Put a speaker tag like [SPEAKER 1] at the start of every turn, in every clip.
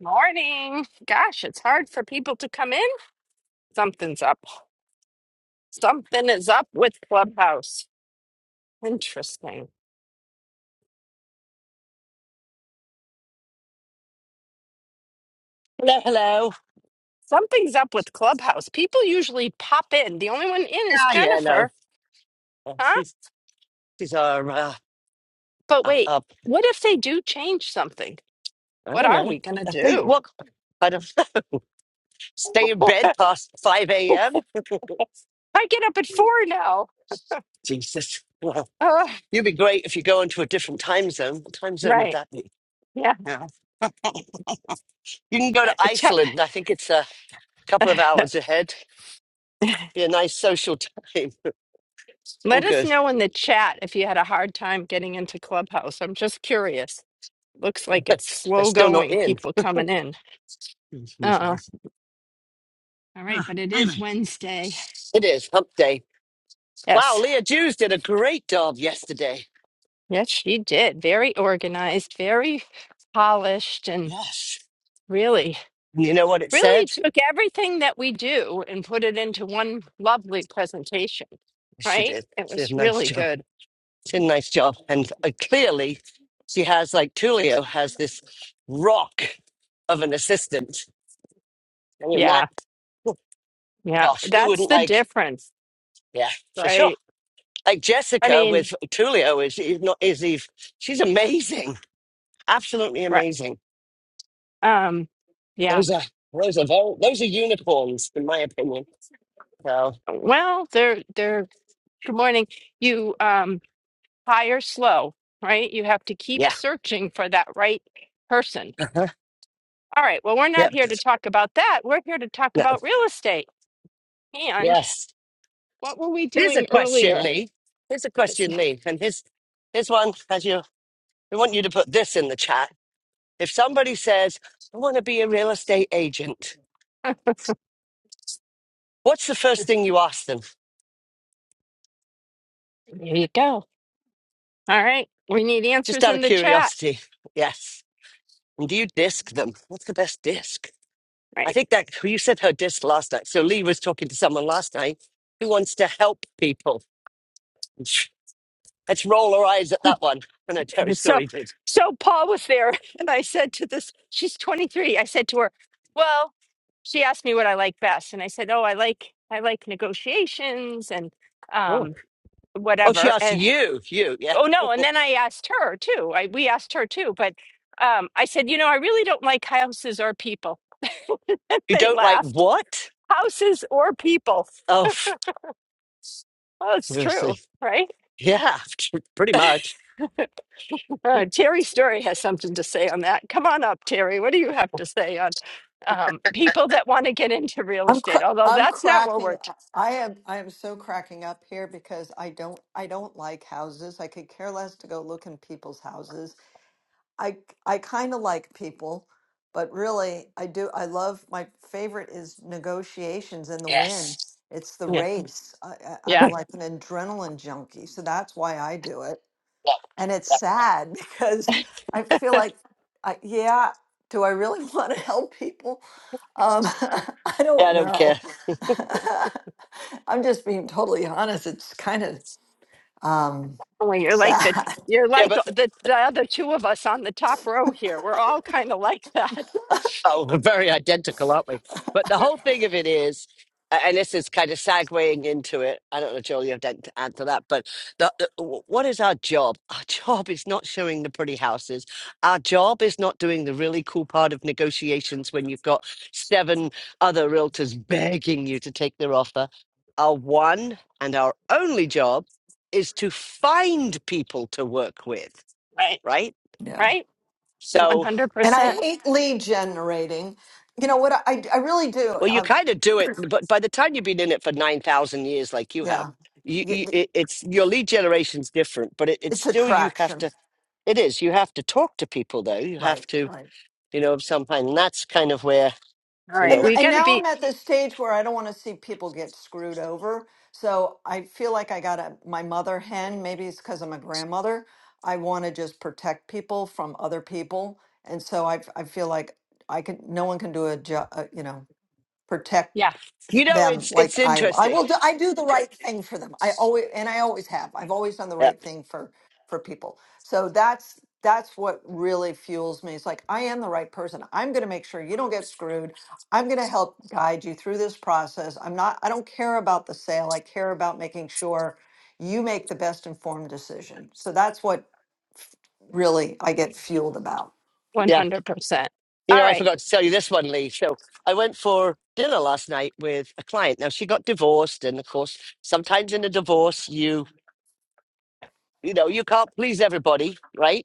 [SPEAKER 1] Morning. Gosh, it's hard for people to come in. Something's up. Something is up with Clubhouse. Interesting.
[SPEAKER 2] Hello, hello.
[SPEAKER 1] Something's up with Clubhouse. People usually pop in. The only one in is
[SPEAKER 2] Ah, yeah, no.
[SPEAKER 1] Jennifer,
[SPEAKER 2] Oh,
[SPEAKER 1] huh?
[SPEAKER 2] She's, she's our, uh,
[SPEAKER 1] But
[SPEAKER 2] uh,
[SPEAKER 1] wait,
[SPEAKER 2] uh,
[SPEAKER 1] what if they do change something?
[SPEAKER 2] I
[SPEAKER 1] What
[SPEAKER 2] don't
[SPEAKER 1] are
[SPEAKER 2] know.
[SPEAKER 1] we going to
[SPEAKER 2] I think,
[SPEAKER 1] do?
[SPEAKER 2] what? I don't stay in bed past 5 a.m.
[SPEAKER 1] I get up at four now.
[SPEAKER 2] Jesus. Well,
[SPEAKER 1] Oh,
[SPEAKER 2] you'd be great if you go into a different time zone. What time zone would
[SPEAKER 1] right.
[SPEAKER 2] that be?
[SPEAKER 1] Yeah.
[SPEAKER 2] Yeah. You can go to
[SPEAKER 1] Uh, t-
[SPEAKER 2] Iceland. I think it's a couple of hours ahead. Be a nice social time. All
[SPEAKER 1] Let us
[SPEAKER 2] good.
[SPEAKER 1] know in the chat if you had a hard time getting into Clubhouse. I'm just curious. Looks like
[SPEAKER 2] They're
[SPEAKER 1] it's slow
[SPEAKER 2] still not
[SPEAKER 1] going,
[SPEAKER 2] in.
[SPEAKER 1] people coming in. Uh-uh. All right,
[SPEAKER 2] Ah,
[SPEAKER 1] but it is
[SPEAKER 2] anyway.
[SPEAKER 1] Wednesday.
[SPEAKER 2] It is hump day. Wow,
[SPEAKER 1] Yes.
[SPEAKER 2] Leah Jews did a great job yesterday.
[SPEAKER 1] Yes, she did. Very organized, very polished, and
[SPEAKER 2] Yes.
[SPEAKER 1] really,
[SPEAKER 2] And You know what it
[SPEAKER 1] really
[SPEAKER 2] said?
[SPEAKER 1] took everything that we do and put it into one lovely presentation,
[SPEAKER 2] She
[SPEAKER 1] right?
[SPEAKER 2] did.
[SPEAKER 1] It
[SPEAKER 2] She
[SPEAKER 1] was
[SPEAKER 2] did a nice
[SPEAKER 1] really
[SPEAKER 2] job.
[SPEAKER 1] good.
[SPEAKER 2] She did a nice job. And uh, clearly, she has, like, Tulio has this rock of an assistant. I mean, that,
[SPEAKER 1] Yeah,
[SPEAKER 2] oh,
[SPEAKER 1] yeah.
[SPEAKER 2] gosh, who
[SPEAKER 1] That's
[SPEAKER 2] wouldn't
[SPEAKER 1] the
[SPEAKER 2] like,
[SPEAKER 1] difference,
[SPEAKER 2] yeah, for sure.
[SPEAKER 1] right?
[SPEAKER 2] Like
[SPEAKER 1] I
[SPEAKER 2] Jessica
[SPEAKER 1] mean,
[SPEAKER 2] with Tulio is, is not, is Eve. She's amazing. Absolutely
[SPEAKER 1] right.
[SPEAKER 2] amazing.
[SPEAKER 1] Um, yeah.
[SPEAKER 2] Those are, those are, very, those are unicorns, in my opinion. So,
[SPEAKER 1] Well, they're they're good morning. You um hire slow, right? You have to keep
[SPEAKER 2] yeah.
[SPEAKER 1] searching for that right person.
[SPEAKER 2] Uh-huh.
[SPEAKER 1] All right, well, we're not
[SPEAKER 2] Yep.
[SPEAKER 1] here to talk about that. We're here to talk
[SPEAKER 2] No.
[SPEAKER 1] about real estate. And
[SPEAKER 2] Yes.
[SPEAKER 1] what were we
[SPEAKER 2] Here's a
[SPEAKER 1] doing
[SPEAKER 2] question,
[SPEAKER 1] earlier?
[SPEAKER 2] Lee. Here's a
[SPEAKER 1] This-
[SPEAKER 2] question, Lee. And here's, here's one as you, we want you to put this in the chat. If somebody says, I want to be a real estate agent, what's the first thing you ask them?
[SPEAKER 1] There you go. All right. We need
[SPEAKER 2] Just
[SPEAKER 1] answers
[SPEAKER 2] out
[SPEAKER 1] in
[SPEAKER 2] of
[SPEAKER 1] the chat.
[SPEAKER 2] curiosity. Yes. And do you disc them? What's the best disc? I
[SPEAKER 1] Right.
[SPEAKER 2] think that well, you said her disc last night. So Lee was talking to someone last night who wants to help people. Let's roll our eyes at that one. I know Terry
[SPEAKER 1] So,
[SPEAKER 2] Story did.
[SPEAKER 1] so Paul was there, and I said to this, she's 23. I said to her, "Well," she asked me what I like best, and I said, "Oh, I like I like negotiations and
[SPEAKER 2] Oh.
[SPEAKER 1] um,
[SPEAKER 2] Oh, she
[SPEAKER 1] whatever."
[SPEAKER 2] asked
[SPEAKER 1] And
[SPEAKER 2] you. You, yeah.
[SPEAKER 1] oh no, and then I asked her too. I we asked her too, but um, I said, "You know, I really don't like houses or people." And
[SPEAKER 2] You
[SPEAKER 1] they
[SPEAKER 2] don't like
[SPEAKER 1] laughed.
[SPEAKER 2] what?
[SPEAKER 1] Houses or people?
[SPEAKER 2] Oh.
[SPEAKER 1] Well, it's
[SPEAKER 2] So I
[SPEAKER 1] true,
[SPEAKER 2] say,
[SPEAKER 1] right?
[SPEAKER 2] yeah, pretty much.
[SPEAKER 1] Uh, Terry Story has something to say on that. Come on up, Terry. What do you have to say on um, people that want to get into real
[SPEAKER 3] I'm cr-
[SPEAKER 1] estate? Although
[SPEAKER 3] I'm
[SPEAKER 1] that's not what
[SPEAKER 3] cracking.
[SPEAKER 1] we're. T-
[SPEAKER 3] I am I am so cracking up here because I don't I don't like houses. I could care less to go look in people's houses. I I kind of like people, but really I do I love my favorite is negotiations and the win.
[SPEAKER 2] Yes.
[SPEAKER 3] It's the
[SPEAKER 1] yeah,
[SPEAKER 3] race. I, I, I'm
[SPEAKER 1] yeah.
[SPEAKER 2] yeah,
[SPEAKER 3] like an adrenaline junkie, so that's why I do it.
[SPEAKER 2] yeah,
[SPEAKER 3] And it's sad because I feel like I, yeah, do I really want to help people? Um, I
[SPEAKER 2] I
[SPEAKER 3] don't
[SPEAKER 2] don't care.
[SPEAKER 3] know. I'm just being totally honest. It's kind of um,
[SPEAKER 1] Well, you're like the
[SPEAKER 3] sad.
[SPEAKER 1] you're
[SPEAKER 2] Yeah,
[SPEAKER 1] like
[SPEAKER 2] but
[SPEAKER 1] the the other two of us on the top row here. We're all kind of like that,
[SPEAKER 2] Oh, we're very identical, aren't we? But the whole thing of it is, a- and this is kind of segueing into it. I don't know, Joel, you have to add to that, but the, the- wh- what is our job? Our job is not showing the pretty houses. Our job is not doing the really cool part of negotiations when you've got seven other realtors begging you to take their offer. Our one and our only job is to find people to work with,
[SPEAKER 1] right?
[SPEAKER 2] right?
[SPEAKER 3] Yeah.
[SPEAKER 1] Right? One
[SPEAKER 2] So,
[SPEAKER 1] hundred
[SPEAKER 3] And
[SPEAKER 1] percent.
[SPEAKER 3] I hate lead generating. You know what? I, I really do.
[SPEAKER 2] Well, you
[SPEAKER 3] Um,
[SPEAKER 2] kind of do it, but by the time you've been in it for 9,000 years, like you have,
[SPEAKER 3] yeah.
[SPEAKER 2] you,
[SPEAKER 3] Y-
[SPEAKER 2] you
[SPEAKER 3] y-
[SPEAKER 2] it, it's your lead generation's different, but it, it's
[SPEAKER 3] It's
[SPEAKER 2] still you have
[SPEAKER 3] attraction.
[SPEAKER 2] to, it is, you have to talk to people though. You have
[SPEAKER 3] Right.
[SPEAKER 2] to,
[SPEAKER 3] right.
[SPEAKER 2] you know, somehow, and that's kind of where,
[SPEAKER 1] All
[SPEAKER 2] you
[SPEAKER 1] right,
[SPEAKER 2] know,
[SPEAKER 3] And
[SPEAKER 1] we
[SPEAKER 3] and
[SPEAKER 1] got to
[SPEAKER 3] now
[SPEAKER 1] be
[SPEAKER 3] I'm at this stage where I don't want to see people get screwed over. So I feel like I got a my mother hen. Maybe it's because I'm a grandmother. I want to just protect people from other people, and so I I feel like I can. No one can do a job. Uh, You know, protect
[SPEAKER 1] yeah,
[SPEAKER 2] you know,
[SPEAKER 3] them
[SPEAKER 2] it's,
[SPEAKER 3] like
[SPEAKER 2] it's
[SPEAKER 3] I I
[SPEAKER 2] interesting.
[SPEAKER 3] will do I do the right thing for them. I always and I always have. I've always done the
[SPEAKER 2] Yeah.
[SPEAKER 3] right thing for for people. So that's that's what really fuels me. It's like I am the right person. I'm going to make sure you don't get screwed. I'm going to help guide you through this process. I'm not I don't care about the sale. I care about making sure you make the best informed decision. So that's what really I get fueled about.
[SPEAKER 1] one
[SPEAKER 2] Yeah.
[SPEAKER 1] hundred percent.
[SPEAKER 2] You
[SPEAKER 1] All
[SPEAKER 2] know, I
[SPEAKER 1] right.
[SPEAKER 2] forgot to tell you this one, Lee. So I went for dinner last night with a client. Now she got divorced. And of course, sometimes in a divorce, you, you know, you can't please everybody, right?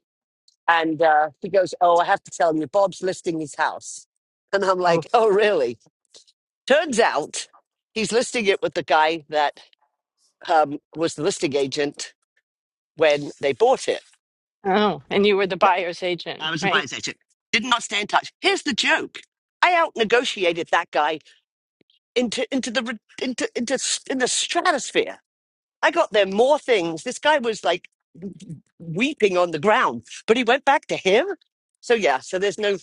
[SPEAKER 2] And uh, he goes, Oh, I have to tell you, Bob's listing his house. And I'm
[SPEAKER 1] Oh,
[SPEAKER 2] like, Oh, really? Turns out he's listing it with the guy that um, was the listing agent when they bought it.
[SPEAKER 1] oh, and you were the
[SPEAKER 2] Yeah,
[SPEAKER 1] buyer's agent,
[SPEAKER 2] I was a
[SPEAKER 1] right?
[SPEAKER 2] buyer's agent. Did not stay in touch. Here's the joke. I out negotiated that guy into into the re- into into s- in the stratosphere. I got there more things. This guy was like weeping on the ground, but he went back to him. So yeah, so there's no.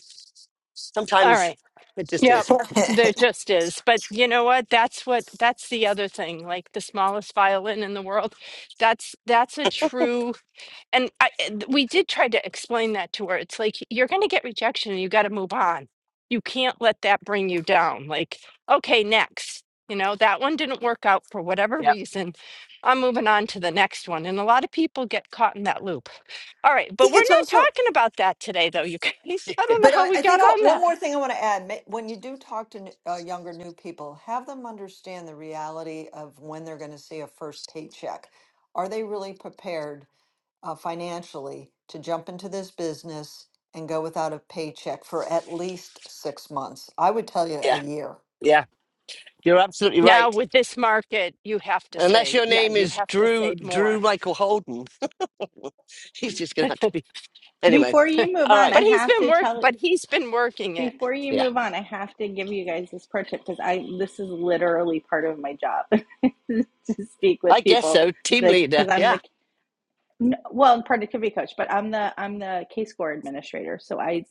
[SPEAKER 1] All
[SPEAKER 2] Sometimes
[SPEAKER 1] right.
[SPEAKER 2] it just
[SPEAKER 1] Yep,
[SPEAKER 2] is.
[SPEAKER 1] there
[SPEAKER 3] I
[SPEAKER 1] just is. But you know what? That's what that's the other thing. Like the smallest violin in the world. That's that's a true. And I, and we did try to explain that to her. It's like you're going to get rejection and you got to move on. You can't let that bring you down. Like, okay, next. You know, that one didn't work out for whatever
[SPEAKER 2] Yeah.
[SPEAKER 1] reason. I'm moving on to the next one. And a lot of people get caught in that loop. All right, but
[SPEAKER 3] think
[SPEAKER 1] we're
[SPEAKER 3] it's
[SPEAKER 1] not
[SPEAKER 3] also
[SPEAKER 1] talking about that today, though, you guys. I don't know
[SPEAKER 3] But I,
[SPEAKER 1] how we
[SPEAKER 3] I
[SPEAKER 1] got
[SPEAKER 3] think uh,
[SPEAKER 1] on
[SPEAKER 3] one
[SPEAKER 1] that.
[SPEAKER 3] more thing I want to add ma- when you do talk to n- uh, younger new people, have them understand the reality of when they're going to see a first paycheck. Are they really prepared uh, financially to jump into this business and go without a paycheck for at least six months? I would tell you a
[SPEAKER 2] Yeah,
[SPEAKER 3] year.
[SPEAKER 2] yeah, you're absolutely
[SPEAKER 1] Now
[SPEAKER 2] right.
[SPEAKER 1] with this market, you have to
[SPEAKER 2] Unless
[SPEAKER 1] say,
[SPEAKER 2] your
[SPEAKER 1] yeah,
[SPEAKER 2] name
[SPEAKER 1] you
[SPEAKER 2] is
[SPEAKER 1] have to
[SPEAKER 2] Drew
[SPEAKER 1] say more.
[SPEAKER 2] Drew Michael Holden, he's just gonna have to be anyway.
[SPEAKER 4] Before you move
[SPEAKER 2] All
[SPEAKER 4] on,
[SPEAKER 2] right,
[SPEAKER 4] I
[SPEAKER 1] But he's
[SPEAKER 4] have
[SPEAKER 1] been
[SPEAKER 4] to
[SPEAKER 1] work,
[SPEAKER 4] tell
[SPEAKER 1] but he's been working it.
[SPEAKER 4] before you
[SPEAKER 2] yeah,
[SPEAKER 4] move on, I have to give you guys this pro tip because I this is literally part of my job to speak
[SPEAKER 2] I
[SPEAKER 4] with
[SPEAKER 2] guess
[SPEAKER 4] people
[SPEAKER 2] so. Team
[SPEAKER 4] that
[SPEAKER 2] leader,
[SPEAKER 4] because I'm
[SPEAKER 2] yeah.
[SPEAKER 4] the n- well productivity coach, but I'm the I'm the case score administrator, so I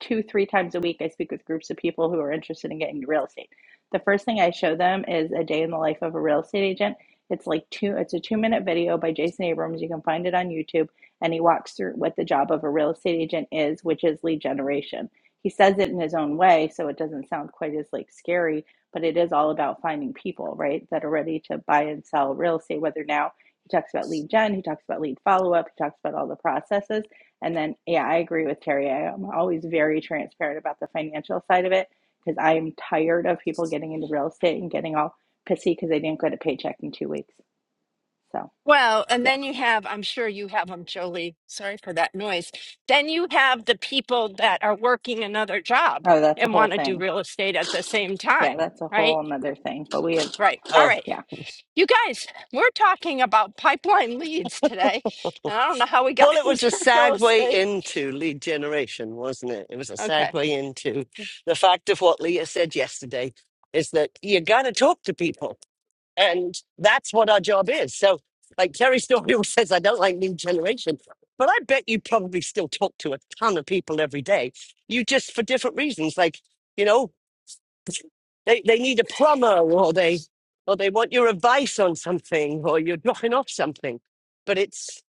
[SPEAKER 4] two, three times a week, I speak with groups of people who are interested in getting into real estate. The first thing I show them is a day in the life of a real estate agent. It's like two, it's a two minute video by Jason Abrams. You can find it on YouTube. And he walks through what the job of a real estate agent is, which is lead generation. He says it in his own way, so it doesn't sound quite as like scary, but it is all about finding people, right, that are ready to buy and sell real estate, whether now he talks about lead gen, he talks about lead follow up, he talks about all the processes and then, yeah, I agree with Terry. I am always very transparent about the financial side of it because I am tired of people getting into real estate and getting all pissy because they didn't get a paycheck in two weeks. So,
[SPEAKER 1] Well, and
[SPEAKER 4] yeah.
[SPEAKER 1] then you have, I'm sure you have them, Jolie. Sorry for that noise. Then you have the people that are working another job
[SPEAKER 4] Oh, that's a
[SPEAKER 1] and
[SPEAKER 4] whole
[SPEAKER 1] want to do
[SPEAKER 4] thing.
[SPEAKER 1] real estate at the same
[SPEAKER 4] Yeah,
[SPEAKER 1] time,
[SPEAKER 4] that's a
[SPEAKER 1] right?
[SPEAKER 4] whole another thing. But we have,
[SPEAKER 1] Right. All
[SPEAKER 2] Oh,
[SPEAKER 1] right.
[SPEAKER 4] yeah,
[SPEAKER 1] You guys, we're talking about pipeline leads today, and I don't know how we got
[SPEAKER 2] well, it was a
[SPEAKER 1] into real
[SPEAKER 2] segue
[SPEAKER 1] estate.
[SPEAKER 2] into lead generation, wasn't it? It was a
[SPEAKER 1] Okay.
[SPEAKER 2] segue into the fact of what Leah said yesterday is that you gotta talk to people And that's what our job is. So, like Terry Story always says, I don't like new generation, but I bet you probably still talk to a ton of people every day. You just for different reasons, like you know, they they need a plumber, or they or they want your advice on something, or you're dropping off something. But it's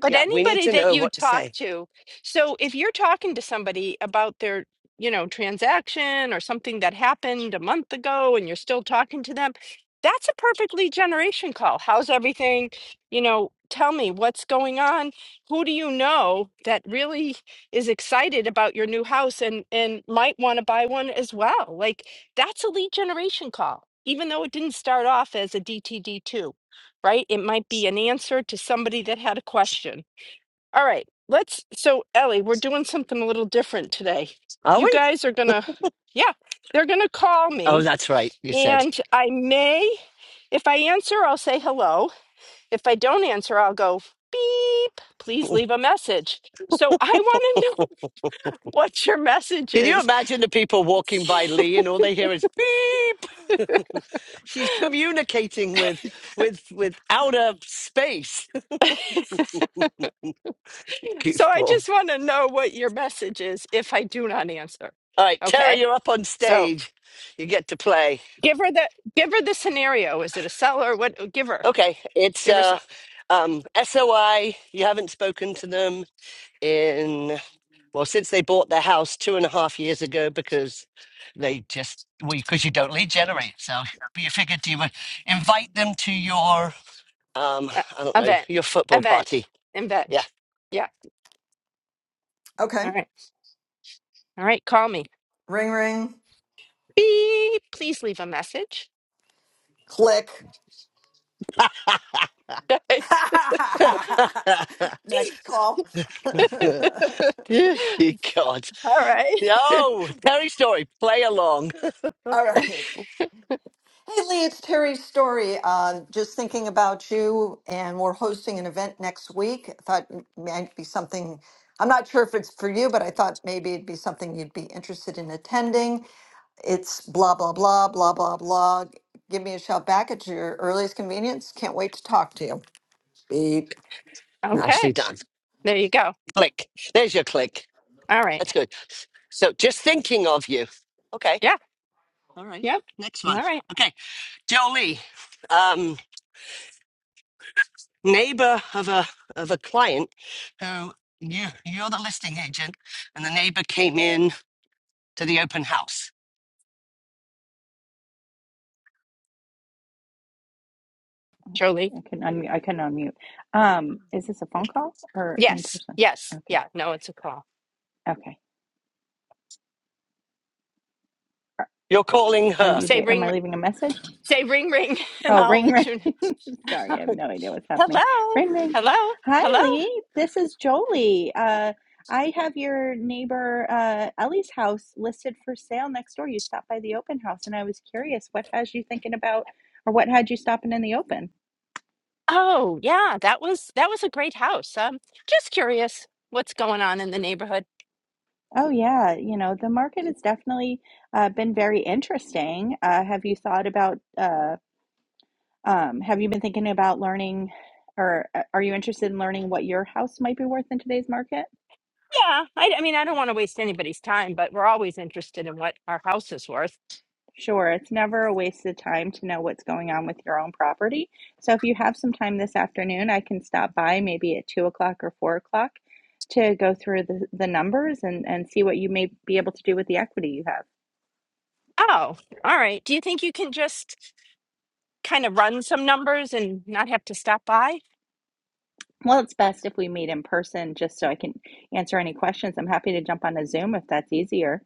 [SPEAKER 1] but
[SPEAKER 2] yeah, we need
[SPEAKER 1] anybody
[SPEAKER 2] to
[SPEAKER 1] that
[SPEAKER 2] know
[SPEAKER 1] you
[SPEAKER 2] what to
[SPEAKER 1] talk
[SPEAKER 2] say.
[SPEAKER 1] to so if you're talking to somebody about their you know transaction or something that happened a month ago and you're still talking to them that's a perfectly generation call how's everything you know tell me what's going on who do you know that really is excited about your new house and and might want to buy one as well like that's a lead generation call even though it didn't start off as a dtd2 right it might be an answer to somebody that had a question all right, let's. So, Ellie, we're doing something a little different today.
[SPEAKER 2] Are
[SPEAKER 1] You
[SPEAKER 2] we?
[SPEAKER 1] guys are gonna, yeah, they're gonna call
[SPEAKER 2] Oh,
[SPEAKER 1] me,
[SPEAKER 2] that's right. You said.
[SPEAKER 1] and I may, if I answer, I'll say hello. If I don't answer, I'll go beep. Please leave a message. So, I want to know what your message
[SPEAKER 2] Can you
[SPEAKER 1] is.
[SPEAKER 2] imagine the people walking by Lee and all they hear is beep? She's communicating with with with outer space.
[SPEAKER 1] So, I
[SPEAKER 2] Goofball.
[SPEAKER 1] just want to know what your message is if I do not answer.
[SPEAKER 2] All right, Tara,
[SPEAKER 1] Okay.
[SPEAKER 2] you're up on
[SPEAKER 1] So,
[SPEAKER 2] stage. You get to play.
[SPEAKER 1] give her the give her the scenario. Is it a seller? What? Give her.
[SPEAKER 2] Okay, it's
[SPEAKER 1] Give her some.
[SPEAKER 2] uh um SOI. You haven't spoken to them in well since they bought their house two and a half years ago because they just we because you don't lead generate. So but you figured you would invite them to your um
[SPEAKER 1] Uh,
[SPEAKER 2] I don't know
[SPEAKER 1] event,
[SPEAKER 2] your football
[SPEAKER 1] event,
[SPEAKER 2] party. Yeah.
[SPEAKER 1] invent. Yeah.
[SPEAKER 3] Okay.
[SPEAKER 1] All right. All right. Call me.
[SPEAKER 3] Ring, ring,
[SPEAKER 1] Beep. Please leave a message.
[SPEAKER 3] click.
[SPEAKER 1] All
[SPEAKER 3] Next call.
[SPEAKER 2] God.
[SPEAKER 1] right.
[SPEAKER 2] Yo, Terry Story, play along.
[SPEAKER 3] All right. Hey Lee, it's Terry Story. Uh, just thinking about you, and we're hosting an event next week. I thought it might be something, I'm not sure if it's for you, but I thought maybe it'd be something you'd be interested in attending. It's blah, blah, blah, blah, blah, blah. Give me a shout back at your earliest convenience. Can't wait to talk to you. Beep. Out.
[SPEAKER 1] Okay.
[SPEAKER 2] Nicely done.
[SPEAKER 1] There you go.
[SPEAKER 2] Click. There's your click.
[SPEAKER 1] All right.
[SPEAKER 2] That's good. So just thinking of you. Okay.
[SPEAKER 1] Yeah.
[SPEAKER 2] All right.
[SPEAKER 1] Yep.
[SPEAKER 2] Next
[SPEAKER 1] All
[SPEAKER 2] one.
[SPEAKER 1] right.
[SPEAKER 2] Okay. Jolie, um, neighbor of a of a client who you you're the listing agent and the neighbor came in to the open house.
[SPEAKER 1] Jolie.
[SPEAKER 4] I can unmute. I can unmute. Um, is this a phone call or in
[SPEAKER 1] Yes.
[SPEAKER 4] person?
[SPEAKER 1] Yes.
[SPEAKER 4] Okay.
[SPEAKER 1] Yeah. No, it's a call.
[SPEAKER 4] Okay. Are,
[SPEAKER 2] You're calling
[SPEAKER 4] are
[SPEAKER 2] her.
[SPEAKER 4] you
[SPEAKER 1] Say
[SPEAKER 4] there? Am
[SPEAKER 1] ring.
[SPEAKER 4] I leaving a message?
[SPEAKER 1] Say ring ring, and
[SPEAKER 4] Oh,
[SPEAKER 1] I'll
[SPEAKER 4] ring,
[SPEAKER 1] let
[SPEAKER 4] ring.
[SPEAKER 1] you
[SPEAKER 4] Sorry,
[SPEAKER 1] know.
[SPEAKER 4] I have no idea what's happening.
[SPEAKER 1] Hello.
[SPEAKER 4] Ring ring.
[SPEAKER 1] Hello.
[SPEAKER 4] Hi
[SPEAKER 1] Hello.
[SPEAKER 4] Lee, this is Jolie. Uh, I have your neighbor uh, Ellie's house listed for sale next door. You stopped by the open house, and I was curious what has you thinking about, or what had you stopping in the open?
[SPEAKER 1] Oh yeah, that was that was a great house. Um, just curious, what's going on in the neighborhood?
[SPEAKER 4] Oh yeah, you know the market has definitely uh, been very interesting. Uh, have you thought about? Uh, um, have you been thinking about learning, or uh, are you interested in learning what your house might be worth in today's market?
[SPEAKER 1] Yeah, I, I mean, I don't want to waste anybody's time, but we're always interested in what our house is worth.
[SPEAKER 4] Sure, it's never a waste of time to know what's going on with your own property. So if you have some time this afternoon, I can stop by maybe at two o'clock or four o'clock to go through the, the numbers and, and see what you may be able to do with the equity you have.
[SPEAKER 1] Oh, all right. Do you think you can just kind of run some numbers and not have to stop by?
[SPEAKER 4] Well, it's best if we meet in person just so I can answer any questions. I'm happy to jump on a Zoom if that's easier.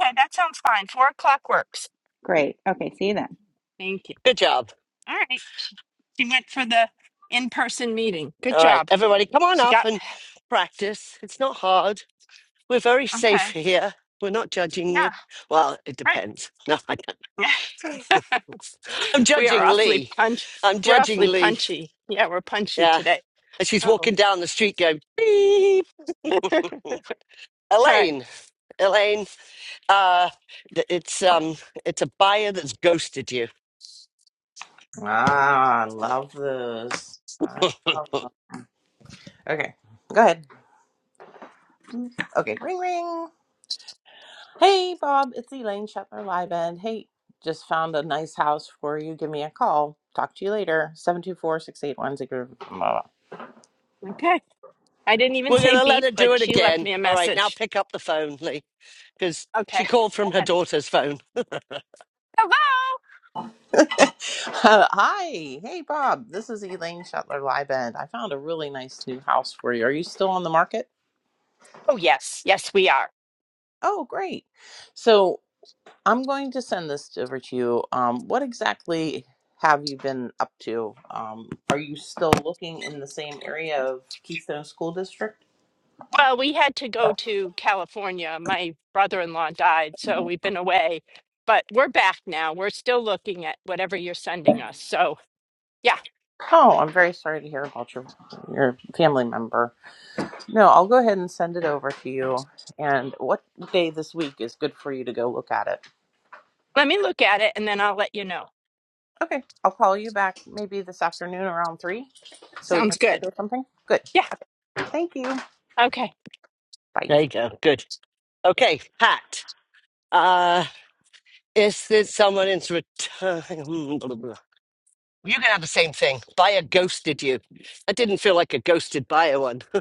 [SPEAKER 1] Okay, that sounds fine. Four o'clock works.
[SPEAKER 4] Great. Okay, see you then.
[SPEAKER 1] Thank you.
[SPEAKER 2] Good job.
[SPEAKER 1] All right. She she went for the in-person meeting. Good
[SPEAKER 2] All right.
[SPEAKER 1] job.
[SPEAKER 2] Everybody come on
[SPEAKER 1] She
[SPEAKER 2] up
[SPEAKER 1] got,
[SPEAKER 2] and practice. It's not hard. We're very safe
[SPEAKER 1] okay.
[SPEAKER 2] here. We're not judging
[SPEAKER 1] Yeah,
[SPEAKER 2] you. Well, it
[SPEAKER 1] right.
[SPEAKER 2] depends. No, I don't. I'm
[SPEAKER 1] we are
[SPEAKER 2] judging
[SPEAKER 1] awfully
[SPEAKER 2] Lee.
[SPEAKER 1] punch.
[SPEAKER 2] I'm
[SPEAKER 1] We're
[SPEAKER 2] judging
[SPEAKER 1] awfully
[SPEAKER 2] Lee.
[SPEAKER 1] punchy. Yeah, we're punchy
[SPEAKER 2] Yeah.
[SPEAKER 1] today.
[SPEAKER 2] And she's
[SPEAKER 1] Oh,
[SPEAKER 2] walking down the street going, beep.
[SPEAKER 1] all right.
[SPEAKER 2] Elaine, Elaine, uh, th- it's um, it's a buyer that's ghosted you.
[SPEAKER 5] Ah, I love this. I love them. Okay, go ahead. Okay, ring ring. Hey, Bob, it's Elaine Shetler Liebend. Hey, just found a nice house for you. Give me a call. Talk to you later. 724 681
[SPEAKER 1] Okay. I didn't even
[SPEAKER 2] We're
[SPEAKER 1] say
[SPEAKER 2] gonna let
[SPEAKER 1] beep,
[SPEAKER 2] her do
[SPEAKER 1] but
[SPEAKER 2] it
[SPEAKER 1] she left
[SPEAKER 2] again.
[SPEAKER 1] me a
[SPEAKER 2] All right, now
[SPEAKER 1] message.
[SPEAKER 2] pick up the phone, Lee, because
[SPEAKER 1] Okay,
[SPEAKER 2] she called
[SPEAKER 1] go
[SPEAKER 2] from her
[SPEAKER 1] ahead.
[SPEAKER 2] daughter's phone.
[SPEAKER 1] Hello.
[SPEAKER 5] Hi. Hey, Bob. This is Elaine Shetler Liebend. I found a really nice new house for you. Are you still on the market?
[SPEAKER 1] Oh, yes. Yes, we are.
[SPEAKER 5] Oh, great. So I'm going to send this over to you. Um, what exactly have you been up to? Um, are you still looking in the same area of Keystone School District?
[SPEAKER 1] Well, we had to go to California. My brother in law died, so we've been away, but we're back now. We're still looking at whatever you're sending us. So, yeah,
[SPEAKER 5] Oh, I'm very sorry to hear about your your family member. No, I'll go ahead and send it over to you. And what day this week is good for you to go look at it?
[SPEAKER 1] let me look at it and then I'll let you know.
[SPEAKER 5] Okay, I'll call you back maybe this afternoon around three, so we
[SPEAKER 1] Sounds
[SPEAKER 5] can
[SPEAKER 1] good.
[SPEAKER 5] schedule something. Good.
[SPEAKER 1] Yeah.
[SPEAKER 5] Thank you.
[SPEAKER 1] Okay.
[SPEAKER 5] Bye.
[SPEAKER 2] There you go. Good. Okay, Pat. Uh, is there someone in return? You can have the same thing. Buyer ghosted you. That didn't feel like a ghosted buyer one.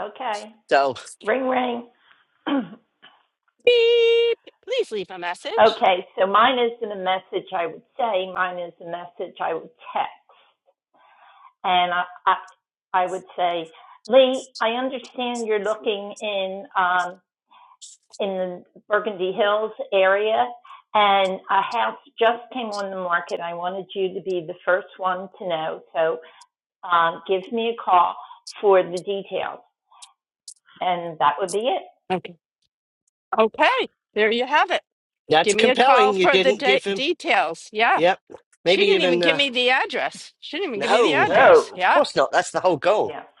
[SPEAKER 6] Okay.
[SPEAKER 2] So
[SPEAKER 6] Ring, ring.
[SPEAKER 1] Beep. Please leave a message.
[SPEAKER 6] okay. So mine isn't a message I would say. Mine is a message I would text. And I, I, I would say, Lee, I understand you're looking in, um, in the Burgundy Hills area and a house just came on the market. I wanted you to be the first one to know. So, um, give me a call for the details and that would be it.
[SPEAKER 1] Okay. Okay. There you have it.
[SPEAKER 2] that's
[SPEAKER 1] Give me a call
[SPEAKER 2] compelling. You
[SPEAKER 1] for the
[SPEAKER 2] didn't
[SPEAKER 1] de-
[SPEAKER 2] give him.
[SPEAKER 1] details. Yeah.
[SPEAKER 2] Yep.
[SPEAKER 1] She
[SPEAKER 2] Maybe
[SPEAKER 1] didn't even
[SPEAKER 2] even
[SPEAKER 1] give
[SPEAKER 2] uh,
[SPEAKER 1] me the address. She didn't even give me the
[SPEAKER 2] no.
[SPEAKER 1] address.
[SPEAKER 6] No.
[SPEAKER 2] Of
[SPEAKER 1] Yeah.
[SPEAKER 2] course not. That's the whole goal.
[SPEAKER 6] Yeah.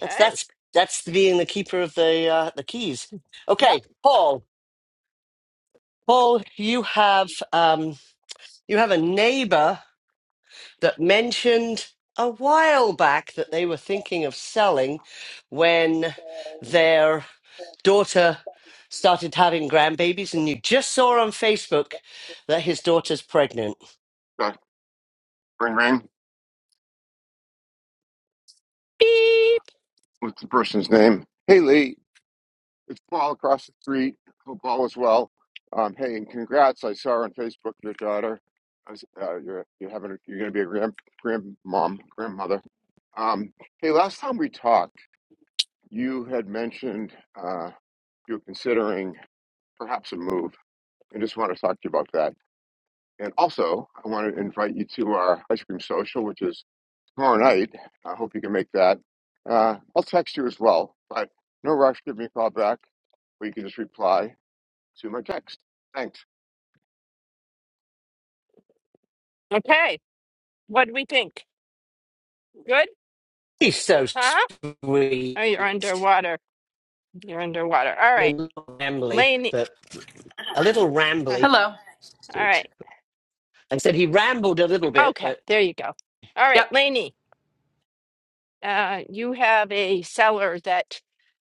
[SPEAKER 2] That's that's that's being the keeper of the uh, the keys.
[SPEAKER 1] Yep.
[SPEAKER 2] Okay, Paul. Paul, you have um, you have a neighbor that mentioned a while back that they were thinking of selling when their daughter started having grandbabies, and you just saw on Facebook that his daughter's pregnant.
[SPEAKER 7] Dr. Ring Ring,
[SPEAKER 1] Beep.
[SPEAKER 7] what's the person's name? Hey Lee, it's Paul across the street. Hope all is well. Um, hey, and congrats! I saw on Facebook your daughter. I was- Uh, you're you're having you're going to be a grand grandmom grandmother. Um, hey, last time we talked, you had mentioned uh, you were considering perhaps a move, and just want to talk to you about that. And also, I want to invite you to our ice cream social, which is tomorrow night. I hope you can make that. Uh, I'll text you as well, but no rush. Give me a call back, or you can just reply to my text. Thanks.
[SPEAKER 1] Okay. What do we think? Good?
[SPEAKER 2] He's so
[SPEAKER 1] Huh?
[SPEAKER 2] sweet.
[SPEAKER 1] Oh, you're
[SPEAKER 2] I
[SPEAKER 1] underwater. You're underwater. All
[SPEAKER 2] mean, a
[SPEAKER 1] right.
[SPEAKER 2] little rambly,
[SPEAKER 1] Lainey.
[SPEAKER 2] but a little
[SPEAKER 1] uh,
[SPEAKER 2] rambly,
[SPEAKER 8] Hello.
[SPEAKER 1] All
[SPEAKER 2] dude.
[SPEAKER 1] right.
[SPEAKER 2] I said he rambled a little bit,
[SPEAKER 1] Okay.
[SPEAKER 2] but
[SPEAKER 1] There you go. All right.
[SPEAKER 8] Yep.
[SPEAKER 1] Lainey. uh, you have a seller that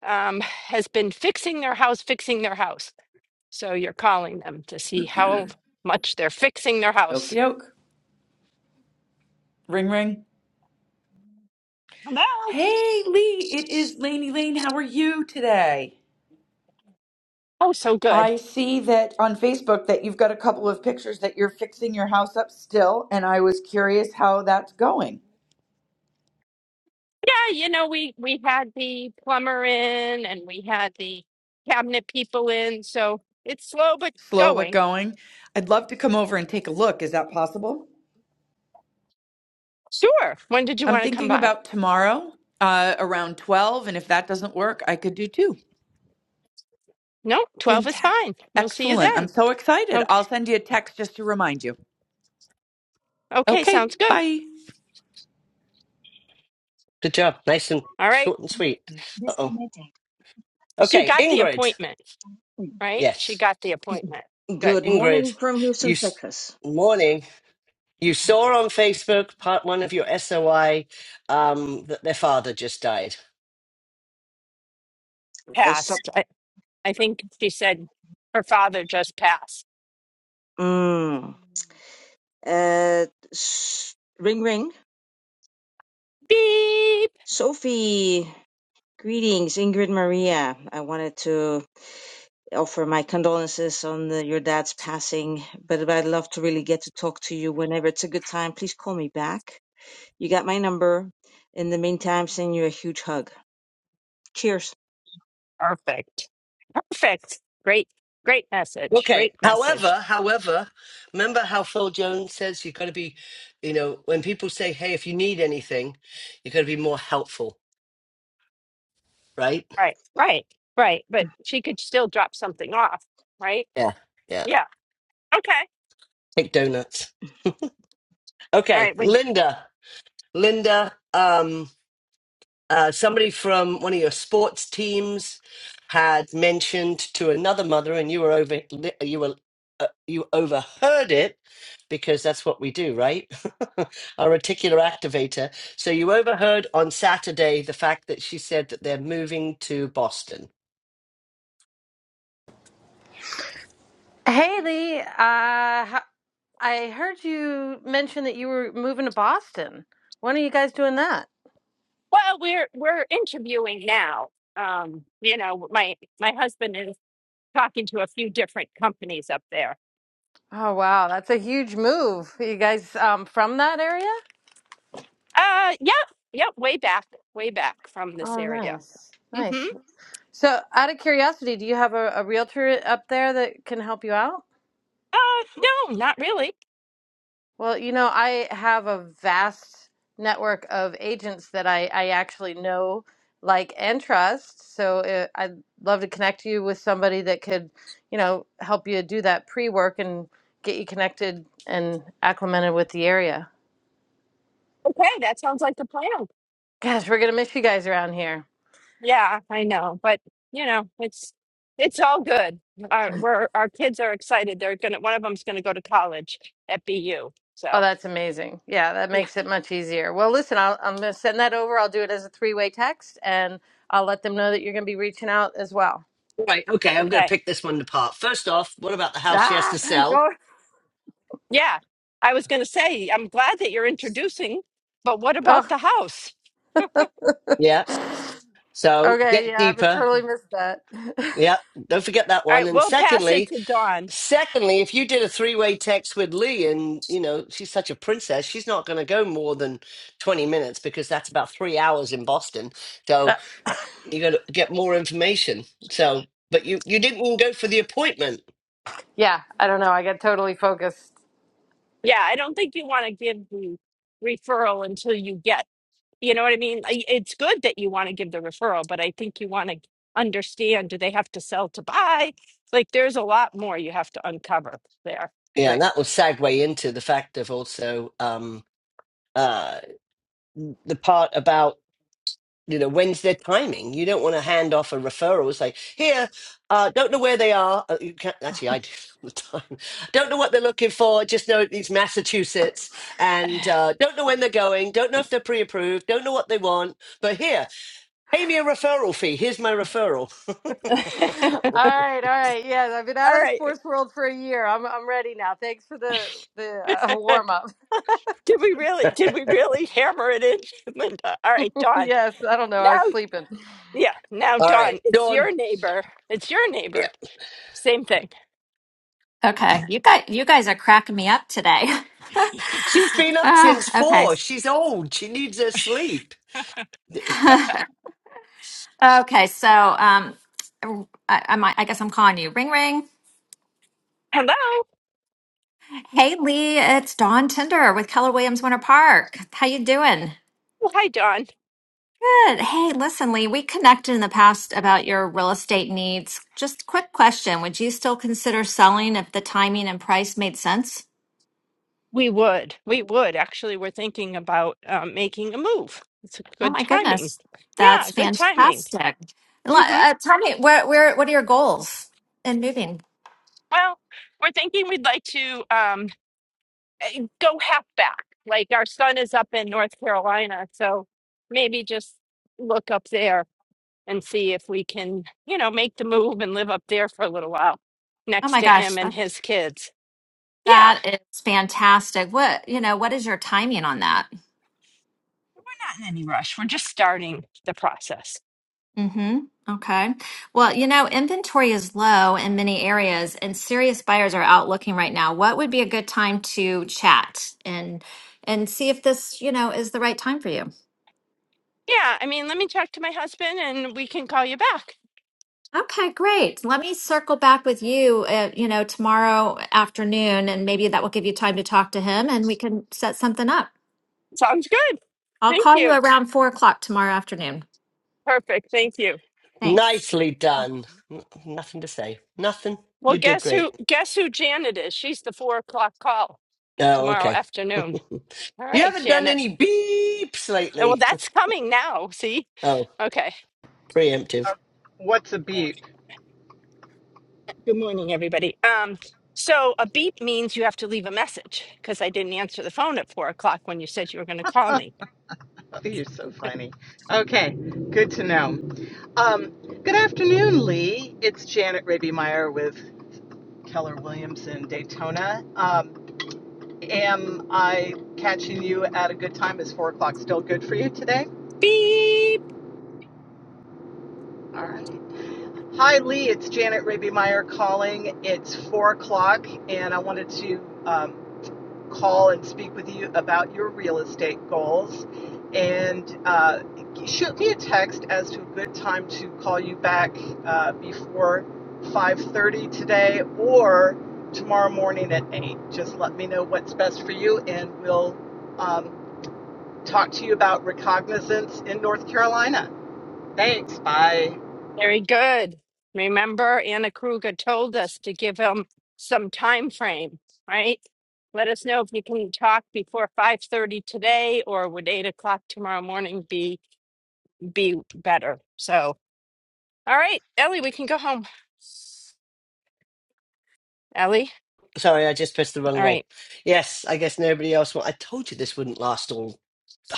[SPEAKER 1] um, has been fixing their house, fixing their house. So you're calling them to see how much they're fixing their
[SPEAKER 8] Okie
[SPEAKER 1] house.
[SPEAKER 8] doke. Ring ring.
[SPEAKER 1] Hello.
[SPEAKER 8] Hey Lee, it is Laney Lane. How are you today?
[SPEAKER 1] Oh, so good.
[SPEAKER 8] I see that on Facebook that you've got a couple of pictures that you're fixing your house up still, and I was curious how that's going.
[SPEAKER 1] Yeah, you know, we we had the plumber in and we had the cabinet people in, so it's slow but
[SPEAKER 8] Slow but
[SPEAKER 1] going.
[SPEAKER 8] going. I'd love to come over and take a look. Is that possible?
[SPEAKER 1] Sure. When did you
[SPEAKER 8] I'm
[SPEAKER 1] want to come
[SPEAKER 8] thinking
[SPEAKER 1] by?
[SPEAKER 8] about tomorrow uh, around 12, and if that doesn't work, I could do two.
[SPEAKER 1] No, 12 is
[SPEAKER 8] Fantastic.
[SPEAKER 1] fine. We'll see you
[SPEAKER 8] Excellent. I'm
[SPEAKER 1] then.
[SPEAKER 8] so excited.
[SPEAKER 1] Okay.
[SPEAKER 8] I'll send you a text just to remind you.
[SPEAKER 1] Okay,
[SPEAKER 8] Okay,
[SPEAKER 1] sounds good.
[SPEAKER 8] bye.
[SPEAKER 2] good job. Nice and
[SPEAKER 1] All right.
[SPEAKER 2] short and sweet. Uh oh.
[SPEAKER 9] Disconnected.
[SPEAKER 1] She
[SPEAKER 2] Okay,
[SPEAKER 1] got the
[SPEAKER 2] Ingrid.
[SPEAKER 1] appointment, right? She
[SPEAKER 2] Yes,
[SPEAKER 1] got the appointment. Good.
[SPEAKER 9] Good morning
[SPEAKER 2] Ingrid.
[SPEAKER 9] from
[SPEAKER 2] You
[SPEAKER 9] Houston,
[SPEAKER 2] s-
[SPEAKER 9] Texas.
[SPEAKER 2] morning. You saw on Facebook part one of your SOI um, that their father just died.
[SPEAKER 9] I stop.
[SPEAKER 1] Passed. I, I think she said her father just passed.
[SPEAKER 9] Mm. Uh, s- ring, ring.
[SPEAKER 1] Beep.
[SPEAKER 9] Sophie, greetings. Ingrid Maria. I wanted to offer my condolences on the, your dad's passing, but I'd love to really get to talk to you whenever it's a good time. Please call me back. You got my number. In the meantime, send you a huge hug. Cheers.
[SPEAKER 1] Perfect. Perfect. Great. Great message.
[SPEAKER 2] Okay.
[SPEAKER 1] Great message.
[SPEAKER 2] However, however, remember how Phil Jones says you've got to be, you know, when people say, "Hey, if you need anything, you've got to be more helpful," right?
[SPEAKER 1] Right, right, right. But she could still drop something off, right?
[SPEAKER 2] Yeah, yeah.
[SPEAKER 1] Yeah. Okay.
[SPEAKER 2] Take donuts.
[SPEAKER 1] All
[SPEAKER 2] Okay,
[SPEAKER 1] right. We,
[SPEAKER 2] Linda. Linda. Um. Uh, somebody from one of your sports teams had mentioned to another mother, and you were over you were uh, you overheard it because that's what we do, right? Our reticular activator. So you overheard on Saturday the fact that she said that they're moving to Boston.
[SPEAKER 10] Hey uh, ho- I heard you mention that you were moving to Boston. When are you guys doing that?
[SPEAKER 1] well, we're we're interviewing now. Um, you know, my my husband is talking to a few different companies up there.
[SPEAKER 10] Oh wow, that's a huge move. Are you guys um, from that area?
[SPEAKER 1] Uh, yep, yep. Way back, way back from this
[SPEAKER 10] Oh
[SPEAKER 1] area.
[SPEAKER 10] nice,
[SPEAKER 1] Mm-hmm.
[SPEAKER 10] nice. So out of curiosity, do you have a, a realtor up there that can help you out?
[SPEAKER 1] Uh, no, not really.
[SPEAKER 10] Well, you know, I have a vast network of agents that I, I actually know, like, and trust. So uh, I'd love to connect you with somebody that could, you know, help you do that pre-work and get you connected and acclimated with the area.
[SPEAKER 1] Okay, that sounds like the plan.
[SPEAKER 10] Gosh, we're gonna miss you guys around here.
[SPEAKER 1] Yeah, I know, but you know, it's it's all good. Our we're our kids are excited. They're gonna one of them's gonna go to college at BU.
[SPEAKER 10] Oh,
[SPEAKER 1] So
[SPEAKER 10] that's amazing. Yeah, that
[SPEAKER 1] yeah,
[SPEAKER 10] makes it much easier. Well, listen, I'll, I'm gonna send that over. I'll do it as a three-way text, and I'll let them know that you're gonna be reaching out as well.
[SPEAKER 2] Right. Okay. I'm going to
[SPEAKER 1] okay,
[SPEAKER 2] pick this one apart. First off, what about the house she has to
[SPEAKER 10] Ah,
[SPEAKER 2] sell?
[SPEAKER 1] yeah. I was gonna say I'm glad that you're introducing, but what
[SPEAKER 10] oh.
[SPEAKER 1] about the house?
[SPEAKER 2] Yeah. So
[SPEAKER 10] Okay,
[SPEAKER 2] get
[SPEAKER 10] yeah, I would
[SPEAKER 2] deeper.
[SPEAKER 10] totally missed that.
[SPEAKER 2] Yeah, don't forget that
[SPEAKER 1] All
[SPEAKER 2] one.
[SPEAKER 1] right,
[SPEAKER 2] And
[SPEAKER 1] we'll pass it
[SPEAKER 2] secondly,
[SPEAKER 1] to Dawn.
[SPEAKER 2] secondly, if you did a three-way text with Lee and, you know, she's such a princess, she's not going to go more than 20 minutes because that's about 3 hours in Boston. So,
[SPEAKER 10] Uh,
[SPEAKER 2] you're going to get more information. So, but you you didn't even go for the appointment.
[SPEAKER 10] yeah, I don't know. I got totally focused.
[SPEAKER 1] Yeah, I don't think you want to give the referral until you get You know what I mean? I- It's good that you want to give the referral, but I think you want to understand, do they have to sell to buy? Like there's a lot more you have to uncover there.
[SPEAKER 2] Yeah,
[SPEAKER 10] Right.
[SPEAKER 2] and that will segue into the fact of also um uh the part about you know when's their timing you don't want to hand off a referral say here uh don't know where they are uh, you can actually i do all the time don't know what they're looking for just know it's massachusetts and uh don't know when they're going don't know if they're pre-approved don't know what they want but here pay me a referral fee here's my referral
[SPEAKER 1] All
[SPEAKER 10] All right, all right. Yeah, I've been out of the
[SPEAKER 1] right.
[SPEAKER 10] sports world for a year. I'm I'm ready now. Thanks for the the uh, warm up.
[SPEAKER 1] Did we really
[SPEAKER 2] all
[SPEAKER 1] did we really hammer it in, Linda? All right, Dawn.
[SPEAKER 10] yes, I don't know. I
[SPEAKER 1] Now
[SPEAKER 10] was sleeping.
[SPEAKER 1] yeah, now
[SPEAKER 2] right
[SPEAKER 1] Dawn, it's
[SPEAKER 2] dawn
[SPEAKER 1] your neighbor. It's your neighbor.
[SPEAKER 2] yeah
[SPEAKER 1] Same thing.
[SPEAKER 11] Okay, you guys, you guys are cracking me up today.
[SPEAKER 2] she's been up since
[SPEAKER 11] Ah, okay,
[SPEAKER 2] four she's old she needs her sleep
[SPEAKER 11] okay. So, um, I, I, might, I guess I'm calling you. Ring, ring.
[SPEAKER 1] Hello.
[SPEAKER 11] Hey, Lee, it's Dawn Tinder with Keller Williams Winter Park. How you doing?
[SPEAKER 1] Well, hi, Dawn.
[SPEAKER 11] Good. Hey, listen, Lee, we connected in the past about your real estate needs. Just quick question: Would you still consider selling if the timing and price made sense?
[SPEAKER 1] We would. We would. Actually, we're thinking about um, making a move. It's a
[SPEAKER 11] Oh
[SPEAKER 1] good
[SPEAKER 11] my
[SPEAKER 1] timing.
[SPEAKER 11] goodness,
[SPEAKER 1] Yeah,
[SPEAKER 11] that's
[SPEAKER 1] good timing.
[SPEAKER 11] fantastic. Li- Uh, tell me, where, where, what are your goals in moving?
[SPEAKER 1] Well, we're thinking we'd like to um, eh, go half back. Like our son is up in North Carolina, so maybe just look up there and see if we can, you know, make the move and live up there for a little while
[SPEAKER 11] Oh
[SPEAKER 1] next
[SPEAKER 11] my
[SPEAKER 1] to
[SPEAKER 11] gosh,
[SPEAKER 1] him and
[SPEAKER 11] that,
[SPEAKER 1] his kids. Yeah,
[SPEAKER 11] that is fantastic. What, you know, what is your timing on that?
[SPEAKER 1] not in any rush. We're just starting the process.
[SPEAKER 11] Mm-hmm. Okay. Well, you know, inventory is low in many areas and serious buyers are out looking right now. What would be a good time to chat and and see if this, you know, is the right time for you?
[SPEAKER 1] Yeah, I mean, let me talk to my husband and we can call you back.
[SPEAKER 11] Okay, great. Let me circle back with you, uh, you know, tomorrow afternoon, and maybe that will give you time to talk to him and we can set something up.
[SPEAKER 1] Sounds good.
[SPEAKER 11] I'll
[SPEAKER 1] Thank
[SPEAKER 11] call you
[SPEAKER 1] you.
[SPEAKER 11] around four o'clock tomorrow afternoon.
[SPEAKER 1] Perfect. Thank you.
[SPEAKER 11] Thanks.
[SPEAKER 2] nicely done N- nothing to say nothing
[SPEAKER 1] Well,
[SPEAKER 2] you did
[SPEAKER 1] guess
[SPEAKER 2] great
[SPEAKER 1] who? Guess who Janet is? She's the four o'clock call.
[SPEAKER 2] Oh,
[SPEAKER 1] tomorrow
[SPEAKER 2] okay.
[SPEAKER 1] afternoon. All
[SPEAKER 2] you
[SPEAKER 1] right,
[SPEAKER 2] haven't done
[SPEAKER 1] Janet.
[SPEAKER 2] any beeps
[SPEAKER 1] Well,
[SPEAKER 2] lately.
[SPEAKER 1] that's coming now. See?
[SPEAKER 2] Oh,
[SPEAKER 1] Okay.
[SPEAKER 2] preemptive.
[SPEAKER 12] What's a beep?
[SPEAKER 1] Good morning, everybody. Um, so a beep means you have to leave a message because I didn't answer the phone at four o'clock when you said you were going to call me.
[SPEAKER 12] Oh, you're so funny. Okay, good to know. Um, good afternoon, Lee. It's Janet Raby Meyer with Keller Williams in Daytona. Um, am I catching you at a good time? Is four o'clock still good for you today?
[SPEAKER 1] Beep.
[SPEAKER 12] All right. Hi, Lee. It's Janet Raby Meyer calling. It's four o'clock, and I wanted to. Um, call and speak with you about your real estate goals. And uh, shoot me a text as to a good time to call you back uh, before 5:30 today or tomorrow morning at 8. Just let me know what's best for you, and we'll um, talk to you about recognizance in North Carolina. Thanks. Bye.
[SPEAKER 1] Very good. Remember, Anna Kruger told us to give him some time frame, right? Let us know if you can talk before five thirty today, or would eight o'clock tomorrow morning be be better? So, all right, Ellie, we can go home. Ellie.
[SPEAKER 2] Sorry, I just pressed the
[SPEAKER 1] All
[SPEAKER 2] wrong way.
[SPEAKER 1] right.
[SPEAKER 2] Yes, I guess nobody else. Wa- I told you this wouldn't last all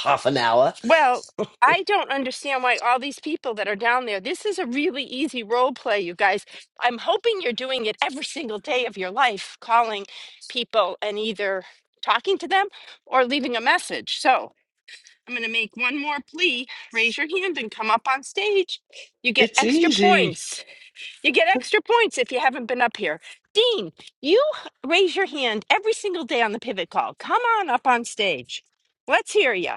[SPEAKER 2] half an hour.
[SPEAKER 1] Well, I don't understand why all these people that are down there. This is a really easy role play, you guys. I'm hoping you're doing it every single day of your life, calling people and either talking to them or leaving a message. So I'm going to make one more plea. Raise your hand and come up on stage. You get
[SPEAKER 2] It's
[SPEAKER 1] extra
[SPEAKER 2] easy.
[SPEAKER 1] points. You get extra points if you haven't been up here. Dean, you raise your hand every single day on the pivot call. Come on up on stage. Let's hear you.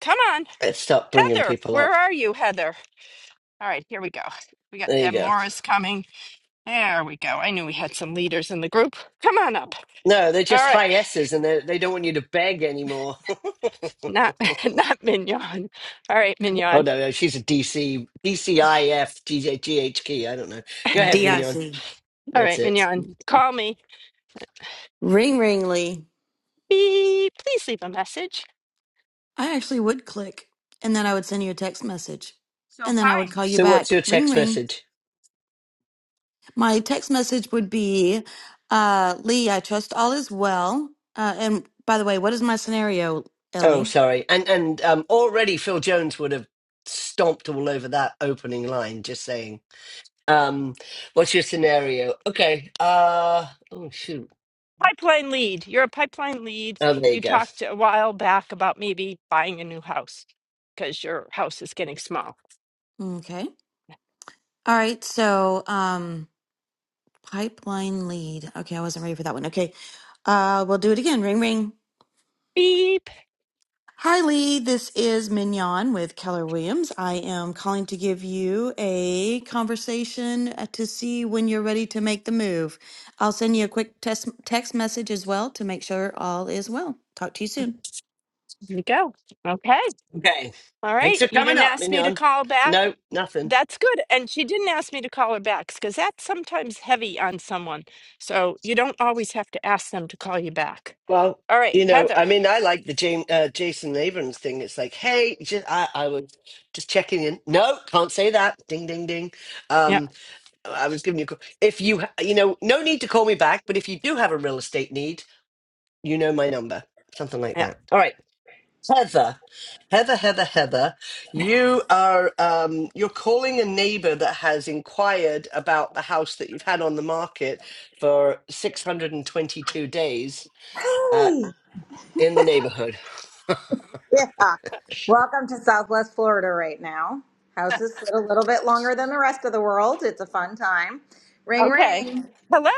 [SPEAKER 1] Come on.
[SPEAKER 2] Let's stop bringing
[SPEAKER 1] Heather,
[SPEAKER 2] people
[SPEAKER 1] where
[SPEAKER 2] up.
[SPEAKER 1] are you, Heather? All right, here we go. We got
[SPEAKER 2] There you
[SPEAKER 1] Deb
[SPEAKER 2] go.
[SPEAKER 1] Morris coming. There we go. I knew we had some leaders in the group. Come on up.
[SPEAKER 2] No, they're
[SPEAKER 1] All
[SPEAKER 2] just
[SPEAKER 1] right,
[SPEAKER 2] high S's, and they they don't want you to beg anymore.
[SPEAKER 1] not not Mignon. All right,
[SPEAKER 2] oh no,
[SPEAKER 1] Mignon.
[SPEAKER 2] no, she's a DC DCIF GHQ. I don't know.
[SPEAKER 1] All
[SPEAKER 2] Go ahead, Mignon.
[SPEAKER 13] DIC.
[SPEAKER 2] That's
[SPEAKER 1] right,
[SPEAKER 2] it.
[SPEAKER 1] Mignon. Call me.
[SPEAKER 13] Ring ringly.
[SPEAKER 1] Beep. Please leave a message.
[SPEAKER 13] I actually would click and then I would send you a text message
[SPEAKER 1] So
[SPEAKER 13] and then I would
[SPEAKER 1] fine.
[SPEAKER 13] call you
[SPEAKER 2] So, what's
[SPEAKER 13] back.
[SPEAKER 2] your
[SPEAKER 13] Ring
[SPEAKER 2] text
[SPEAKER 13] ring.
[SPEAKER 2] message?
[SPEAKER 13] My text message would be uh Lee, I trust all is well. Uh and by the way, what is my scenario,
[SPEAKER 2] Oh,
[SPEAKER 13] Ellie?
[SPEAKER 2] sorry. And and um, already Phil Jones would have stomped all over that opening line. Just saying. Um, what's your scenario? Okay. Uh. Oh shoot.
[SPEAKER 1] Pipeline lead. You're a pipeline lead.
[SPEAKER 2] Oh, there you
[SPEAKER 1] You
[SPEAKER 2] go.
[SPEAKER 1] talked a while back about maybe buying a new house because your house is getting small.
[SPEAKER 13] Okay. All right, so um pipeline lead. Okay, I wasn't ready for that one. Okay. Uh we'll do it again. Ring ring.
[SPEAKER 1] Beep.
[SPEAKER 13] Hi, Lee. This is Mignon with Keller Williams. I am calling to give you a conversation uh, to see when you're ready to make the move. I'll send you a quick test, text message as well to make sure all is well. Talk to you soon.
[SPEAKER 1] There you go. Okay.
[SPEAKER 2] Okay.
[SPEAKER 1] All
[SPEAKER 2] Thanks
[SPEAKER 1] right.
[SPEAKER 2] for
[SPEAKER 1] You
[SPEAKER 2] coming
[SPEAKER 1] didn't
[SPEAKER 2] up,
[SPEAKER 1] ask me to
[SPEAKER 2] Mignon.
[SPEAKER 1] call back.
[SPEAKER 2] No, nothing.
[SPEAKER 1] That's good. And she didn't ask me to call her back because that's sometimes heavy on someone. So you don't always have to ask them to call you back.
[SPEAKER 2] Well,
[SPEAKER 1] All right,
[SPEAKER 2] you know,
[SPEAKER 1] Heather.
[SPEAKER 2] I mean, I like the Jam uh, Jason Abrams thing. It's like, hey, just, I, I was just checking in. No, can't say that. Ding, ding, ding.
[SPEAKER 1] Yeah,
[SPEAKER 2] Um, I was giving you a call. If you, ha- you know, no need to call me back, but if you do have a real estate need, you know my number, something like
[SPEAKER 1] yeah.
[SPEAKER 2] that. All right, Heather, Heather, Heather, Heather, you are um, you're calling a neighbour that has inquired about the house that you've had on the market for 622 days uh,
[SPEAKER 14] Hey!
[SPEAKER 2] in the neighbourhood.
[SPEAKER 14] Yeah. Welcome to Southwest Florida right now. Houses sit a little bit longer than the rest of the world. It's a fun time. Ring,
[SPEAKER 1] Okay.
[SPEAKER 14] ring.
[SPEAKER 1] Hello.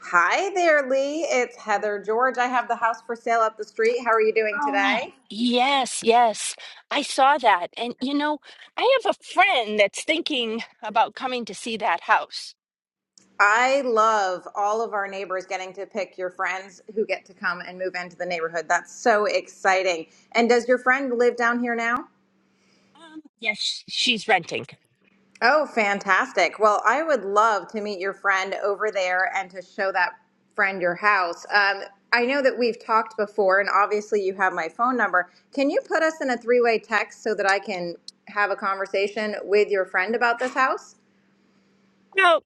[SPEAKER 14] Hi there, Lee. It's Heather George. I have the house for sale up the street. How are you doing
[SPEAKER 1] Oh,
[SPEAKER 14] today?
[SPEAKER 1] yes, yes. I saw that. And you know, I have a friend that's thinking about coming to see that house.
[SPEAKER 14] I love all of our neighbors getting to pick your friends who get to come and move into the neighborhood. That's so exciting. And does your friend live down here now?
[SPEAKER 1] Um, yes, she's renting.
[SPEAKER 14] Oh, fantastic. Well, I would love to meet your friend over there and to show that friend your house. Um, I know that we've talked before, and obviously you have my phone number. Can you put us in a three way text so that I can have a conversation with your friend about this house?
[SPEAKER 1] Well,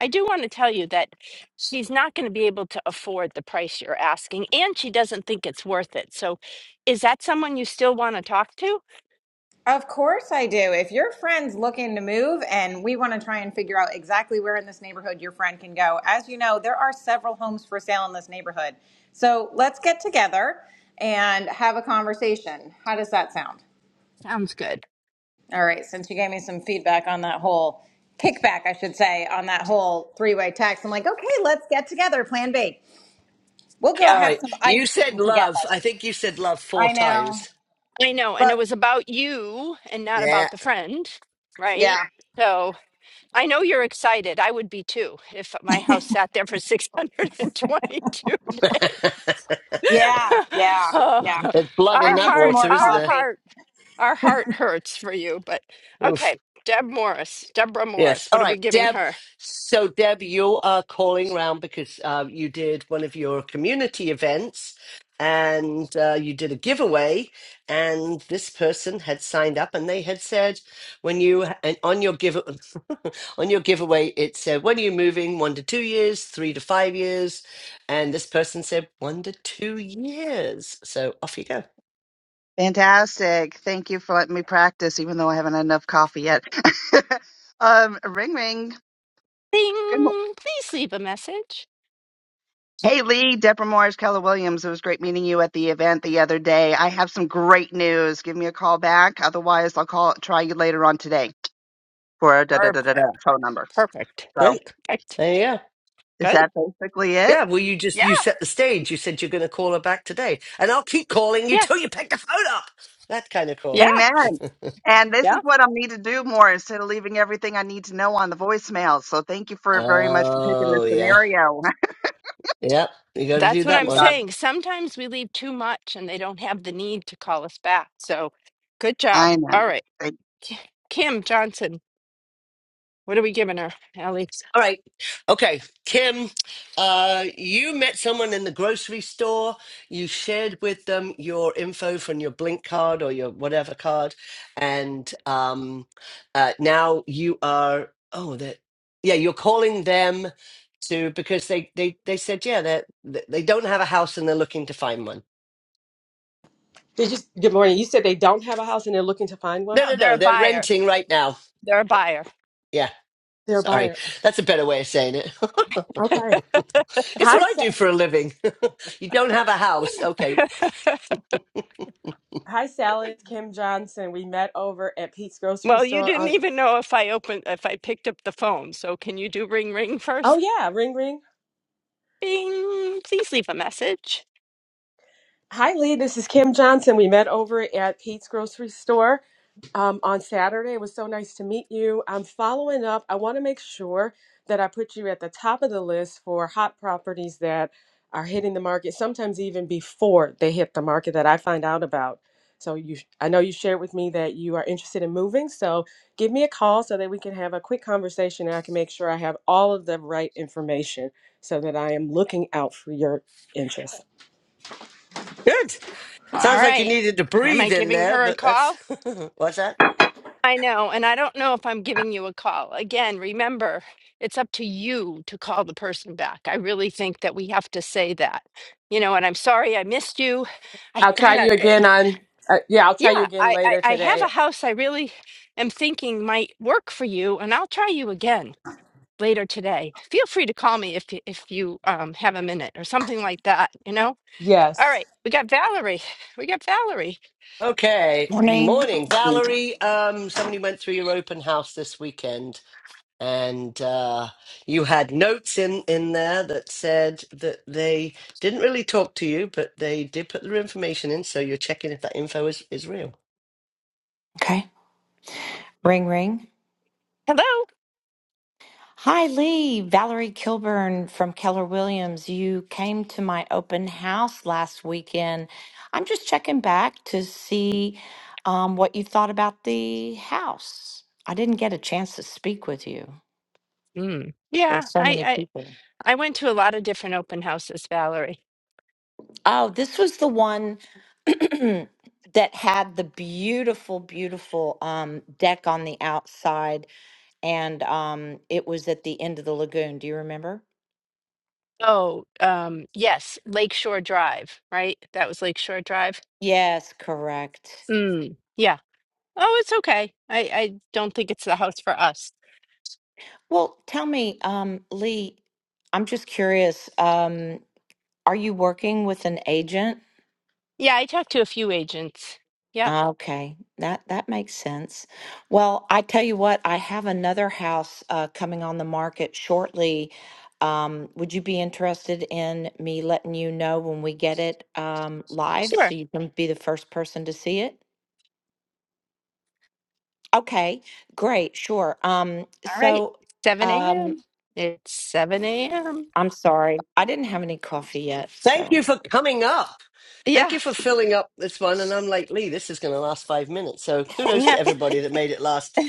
[SPEAKER 1] I do want to tell you that she's not going to be able to afford the price you're asking, and she doesn't think it's worth it. So, is that someone you still want to talk to?
[SPEAKER 14] Of course, I do. If your friend's looking to move and we want to try and figure out exactly where in this neighborhood your friend can go, as you know, there are several homes for sale in this neighborhood. So let's get together and have a conversation. How does that sound?
[SPEAKER 1] Sounds good.
[SPEAKER 14] All right, since you gave me some feedback on that whole kickback, I should say, on that whole three way text, I'm like, okay, let's get together, plan B. We'll go
[SPEAKER 2] All
[SPEAKER 1] Yeah,
[SPEAKER 14] have
[SPEAKER 2] right,
[SPEAKER 14] some
[SPEAKER 2] you
[SPEAKER 14] ice
[SPEAKER 2] said
[SPEAKER 14] cream together.
[SPEAKER 2] love. I think you said love four
[SPEAKER 14] I know.
[SPEAKER 2] times.
[SPEAKER 1] I know. And
[SPEAKER 14] Look,
[SPEAKER 1] it was about you and not
[SPEAKER 2] Yeah,
[SPEAKER 1] about the friend, right?
[SPEAKER 14] yeah,
[SPEAKER 1] So, I know you're excited. I would be too if my house sat there for 622 days.
[SPEAKER 14] yeah, yeah,
[SPEAKER 1] oh,
[SPEAKER 14] yeah.
[SPEAKER 2] there's blood
[SPEAKER 14] I
[SPEAKER 2] in
[SPEAKER 1] our
[SPEAKER 2] that
[SPEAKER 14] need some
[SPEAKER 1] heart,
[SPEAKER 2] water,
[SPEAKER 14] more
[SPEAKER 2] isn't
[SPEAKER 1] our
[SPEAKER 2] there?
[SPEAKER 14] coffee.
[SPEAKER 1] heart Our heart hurts for you, but okay. Deb Morris, Deborah Morris,
[SPEAKER 2] Yes. All
[SPEAKER 1] what are we
[SPEAKER 2] right,
[SPEAKER 1] giving
[SPEAKER 2] Deb.
[SPEAKER 1] her?
[SPEAKER 2] So, Deb, you are calling round because uh, you did one of your community events and uh, you did a giveaway. And this person had signed up and they had said, when you, and on your give, on your giveaway, it said, when are you moving? One to two years, three to five years. And this person said, one to two years. So, off you go.
[SPEAKER 15] Fantastic. Thank you for letting me practice, even though I haven't had enough coffee yet. um, ring ring. Good mo-
[SPEAKER 1] Ding! Please leave a message.
[SPEAKER 15] Hey Lee, Deborah Morris, Keller Williams. It was great meeting you at the event the other day. I have some great news. Give me a call back. Otherwise, I'll call try you later on today for a da da da da da
[SPEAKER 1] Perfect.
[SPEAKER 15] phone number.
[SPEAKER 1] Perfect.
[SPEAKER 15] So
[SPEAKER 2] Great.
[SPEAKER 1] Perfect.
[SPEAKER 2] There you go.
[SPEAKER 15] is
[SPEAKER 1] Good.
[SPEAKER 15] that basically it?
[SPEAKER 2] Yeah, well, you just
[SPEAKER 1] Yeah.
[SPEAKER 2] you set the stage. You said you're going to call her back today, and I'll keep calling you
[SPEAKER 1] Yeah.
[SPEAKER 2] till you pick the phone up. That kind of call.
[SPEAKER 1] Yeah.
[SPEAKER 15] Amen. And this is
[SPEAKER 1] Yeah.
[SPEAKER 15] what I need to do more instead of leaving everything I need to know on the voicemail. So thank you for very much for picking this
[SPEAKER 2] Oh yeah,
[SPEAKER 15] scenario.
[SPEAKER 2] yeah. You got to
[SPEAKER 1] That's
[SPEAKER 2] do
[SPEAKER 1] what
[SPEAKER 2] that
[SPEAKER 15] You
[SPEAKER 1] I'm
[SPEAKER 2] one.
[SPEAKER 15] got it.
[SPEAKER 1] saying. Sometimes we leave too much and they don't have the need to call us back. So good job.
[SPEAKER 15] I
[SPEAKER 1] All right.
[SPEAKER 15] know.
[SPEAKER 1] K- Kim Johnson, what are we giving her, Ellie?
[SPEAKER 2] All right. Okay. Kim, uh, you met someone in the grocery store. You shared with them your info from your Blink card or your whatever card. And um, uh, now you are, oh, that, yeah, you're calling them to, because they, they, they said, yeah, they're- they they don't have a house and they're looking to find one.
[SPEAKER 16] Did you good morning? You said they don't have a house and they're looking to find one?
[SPEAKER 1] No,
[SPEAKER 2] No, no,
[SPEAKER 1] they're
[SPEAKER 2] no.
[SPEAKER 1] a
[SPEAKER 2] They're
[SPEAKER 1] buyer.
[SPEAKER 2] renting right now.
[SPEAKER 1] They're a buyer.
[SPEAKER 2] Yeah.
[SPEAKER 16] They're a
[SPEAKER 2] Sorry,
[SPEAKER 16] buyer.
[SPEAKER 2] that's a better way of saying it.
[SPEAKER 16] Okay.
[SPEAKER 2] Guess
[SPEAKER 16] Hi,
[SPEAKER 2] what I do
[SPEAKER 16] Sa-
[SPEAKER 2] for a living? you don't have a house. Okay,
[SPEAKER 16] hi, Sally. It's Kim Johnson. We met over at Pete's grocery
[SPEAKER 1] Well, you
[SPEAKER 16] store
[SPEAKER 1] didn't
[SPEAKER 16] on.
[SPEAKER 1] even know if I opened, if I picked up the phone. So can you do ring ring
[SPEAKER 16] Oh
[SPEAKER 1] first?
[SPEAKER 16] yeah, ring ring.
[SPEAKER 1] Bing. Please leave a message.
[SPEAKER 16] Hi, Lee. This is Kim Johnson. We met over at Pete's grocery store um, on Saturday. It was so nice to meet you. I'm following up. I want to make sure that I put you at the top of the list for hot properties that are hitting the market, sometimes even before they hit the market that I find out about. So you, I know you shared with me that you are interested in moving. So give me a call so that we can have a quick conversation and I can make sure I have all of the right information so that I am looking out for your interest.
[SPEAKER 2] good.
[SPEAKER 1] All
[SPEAKER 2] Sounds like you
[SPEAKER 1] right.
[SPEAKER 2] needed to
[SPEAKER 1] Am I
[SPEAKER 2] breathe in
[SPEAKER 1] giving
[SPEAKER 2] there,
[SPEAKER 1] her a
[SPEAKER 2] but that's
[SPEAKER 1] call?
[SPEAKER 2] what's that?
[SPEAKER 1] I know. And I don't know if I'm giving you a call. Again, remember, it's up to you to call the person back. I really think that we have to say that. You know, and I'm sorry I missed you. I
[SPEAKER 16] I'll try
[SPEAKER 1] gotta,
[SPEAKER 16] you
[SPEAKER 1] eh,
[SPEAKER 16] again on. Uh, yeah, I'll try you
[SPEAKER 1] yeah,
[SPEAKER 16] again
[SPEAKER 1] I, I,
[SPEAKER 16] later
[SPEAKER 1] I have
[SPEAKER 16] today.
[SPEAKER 1] a house I really am thinking might work for you, and I'll try you again. later today. Feel free to call me if you, if you um, have a minute or something like that. You know.
[SPEAKER 16] Yes.
[SPEAKER 1] All right, we got Valerie. We got Valerie.
[SPEAKER 2] Okay,
[SPEAKER 17] Morning.
[SPEAKER 2] morning, Valerie. Um, somebody went through your open house this weekend, and uh, you had notes in in there that said that they didn't really talk to you, but they did put their information in, so you're checking if that info is is real.
[SPEAKER 17] Okay. Ring, ring.
[SPEAKER 1] Hello.
[SPEAKER 17] Hi, Lee. Valerie Kilburn from Keller Williams. You came to my open house last weekend. I'm just checking back to see um, what you thought about the house. I didn't get a chance to speak with you.
[SPEAKER 1] Mm.
[SPEAKER 17] There were
[SPEAKER 1] Yeah,
[SPEAKER 17] so
[SPEAKER 1] I,
[SPEAKER 17] many
[SPEAKER 1] I
[SPEAKER 17] people.
[SPEAKER 1] I went to a lot of different open houses, Valerie.
[SPEAKER 17] Oh, this was the one that had the beautiful, beautiful um, deck on the outside, and um, it was at the end of the lagoon. Do you remember?
[SPEAKER 1] Oh, um, yes, Lakeshore Drive, right? That was Lakeshore Drive.
[SPEAKER 17] Yes, correct.
[SPEAKER 1] Mm. Yeah. Oh, it's okay. I I don't think it's the house for us.
[SPEAKER 17] Well, tell me, um, Lee, I'm just curious, um, are you working with an agent?
[SPEAKER 1] Yeah, I talked to a few agents. Yeah,
[SPEAKER 17] Ah, Okay, that that makes sense. Well, I tell you what, I have another house uh, coming on the market shortly. Um, would you be interested in me letting you know when we get it um, live
[SPEAKER 1] sure.
[SPEAKER 17] so you can be the first person to see it? Okay, great, sure. Um,
[SPEAKER 1] All right.
[SPEAKER 17] so,
[SPEAKER 1] 7
[SPEAKER 17] um,
[SPEAKER 1] a.m. It's 7 a.m.
[SPEAKER 17] I'm sorry. I didn't have any coffee yet,
[SPEAKER 2] Thank
[SPEAKER 17] so.
[SPEAKER 2] you for coming up. Thank
[SPEAKER 1] Yeah.
[SPEAKER 2] you for filling up this one. And I'm like, Lee, this is going to last five minutes. So kudos
[SPEAKER 1] Yeah.
[SPEAKER 2] to everybody that made it last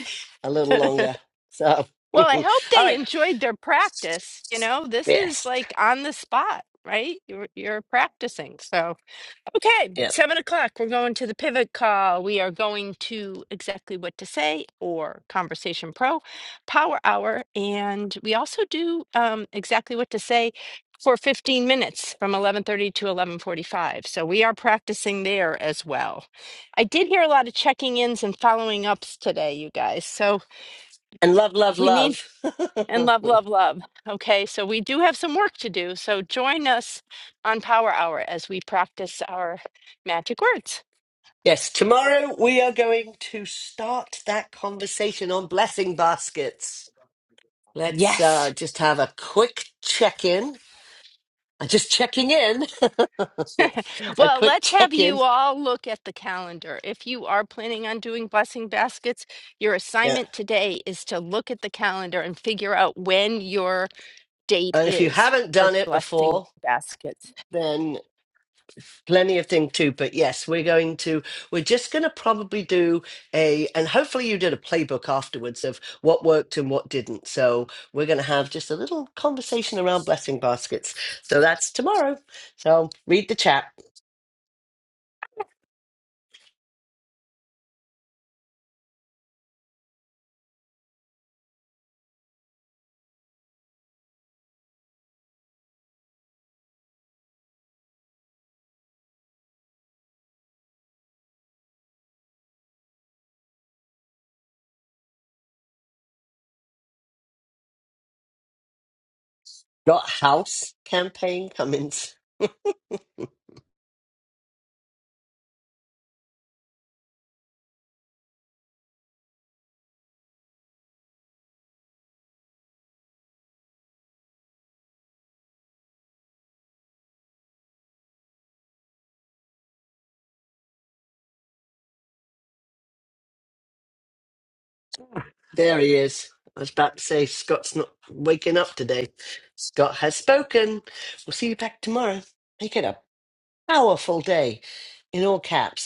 [SPEAKER 2] a little longer. So,
[SPEAKER 1] well,
[SPEAKER 2] all
[SPEAKER 1] I hope they
[SPEAKER 2] right.
[SPEAKER 1] enjoyed their practice. You know, this is
[SPEAKER 2] Yes.
[SPEAKER 1] like on the spot, right? You're, you're practicing. So, okay,
[SPEAKER 2] Yeah.
[SPEAKER 1] seven o'clock, we're going to the pivot call. We are going to exactly what to say or Conversation Pro Power Hour. And we also do um, exactly what to say for 15 minutes from 11:30 to 11:45. So we are practicing there as well. I did hear a lot of checking-ins and following ups today, you guys. So,
[SPEAKER 2] And love, love,
[SPEAKER 1] we need
[SPEAKER 2] love.
[SPEAKER 1] and love, love, love. Okay, so we do have some work to do. So join us on Power Hour as we practice our magic words.
[SPEAKER 2] yes. Tomorrow we are going to start that conversation on blessing baskets. Let's uh,
[SPEAKER 1] Yes.
[SPEAKER 2] just have a quick check in. I'm just checking in. a
[SPEAKER 1] Well,
[SPEAKER 2] quick
[SPEAKER 1] let's have
[SPEAKER 2] check
[SPEAKER 1] you
[SPEAKER 2] in.
[SPEAKER 1] all look at the calendar. If you are planning on doing blessing baskets, your
[SPEAKER 2] Yeah.
[SPEAKER 1] assignment today is to look at the calendar and figure out when your date
[SPEAKER 2] And if you
[SPEAKER 1] is
[SPEAKER 2] haven't
[SPEAKER 1] for
[SPEAKER 2] done it
[SPEAKER 1] blessing
[SPEAKER 2] before,
[SPEAKER 1] baskets.
[SPEAKER 2] then plenty of thing too but yes we're going to we're just going to probably do a and hopefully you did a playbook afterwards of what worked and what didn't so we're going to have just a little conversation around blessing baskets so that's tomorrow so read the chat got house campaign cummins there he is i was about to say scott's not waking up today scott has spoken we'll see you back tomorrow make it a powerful day in all caps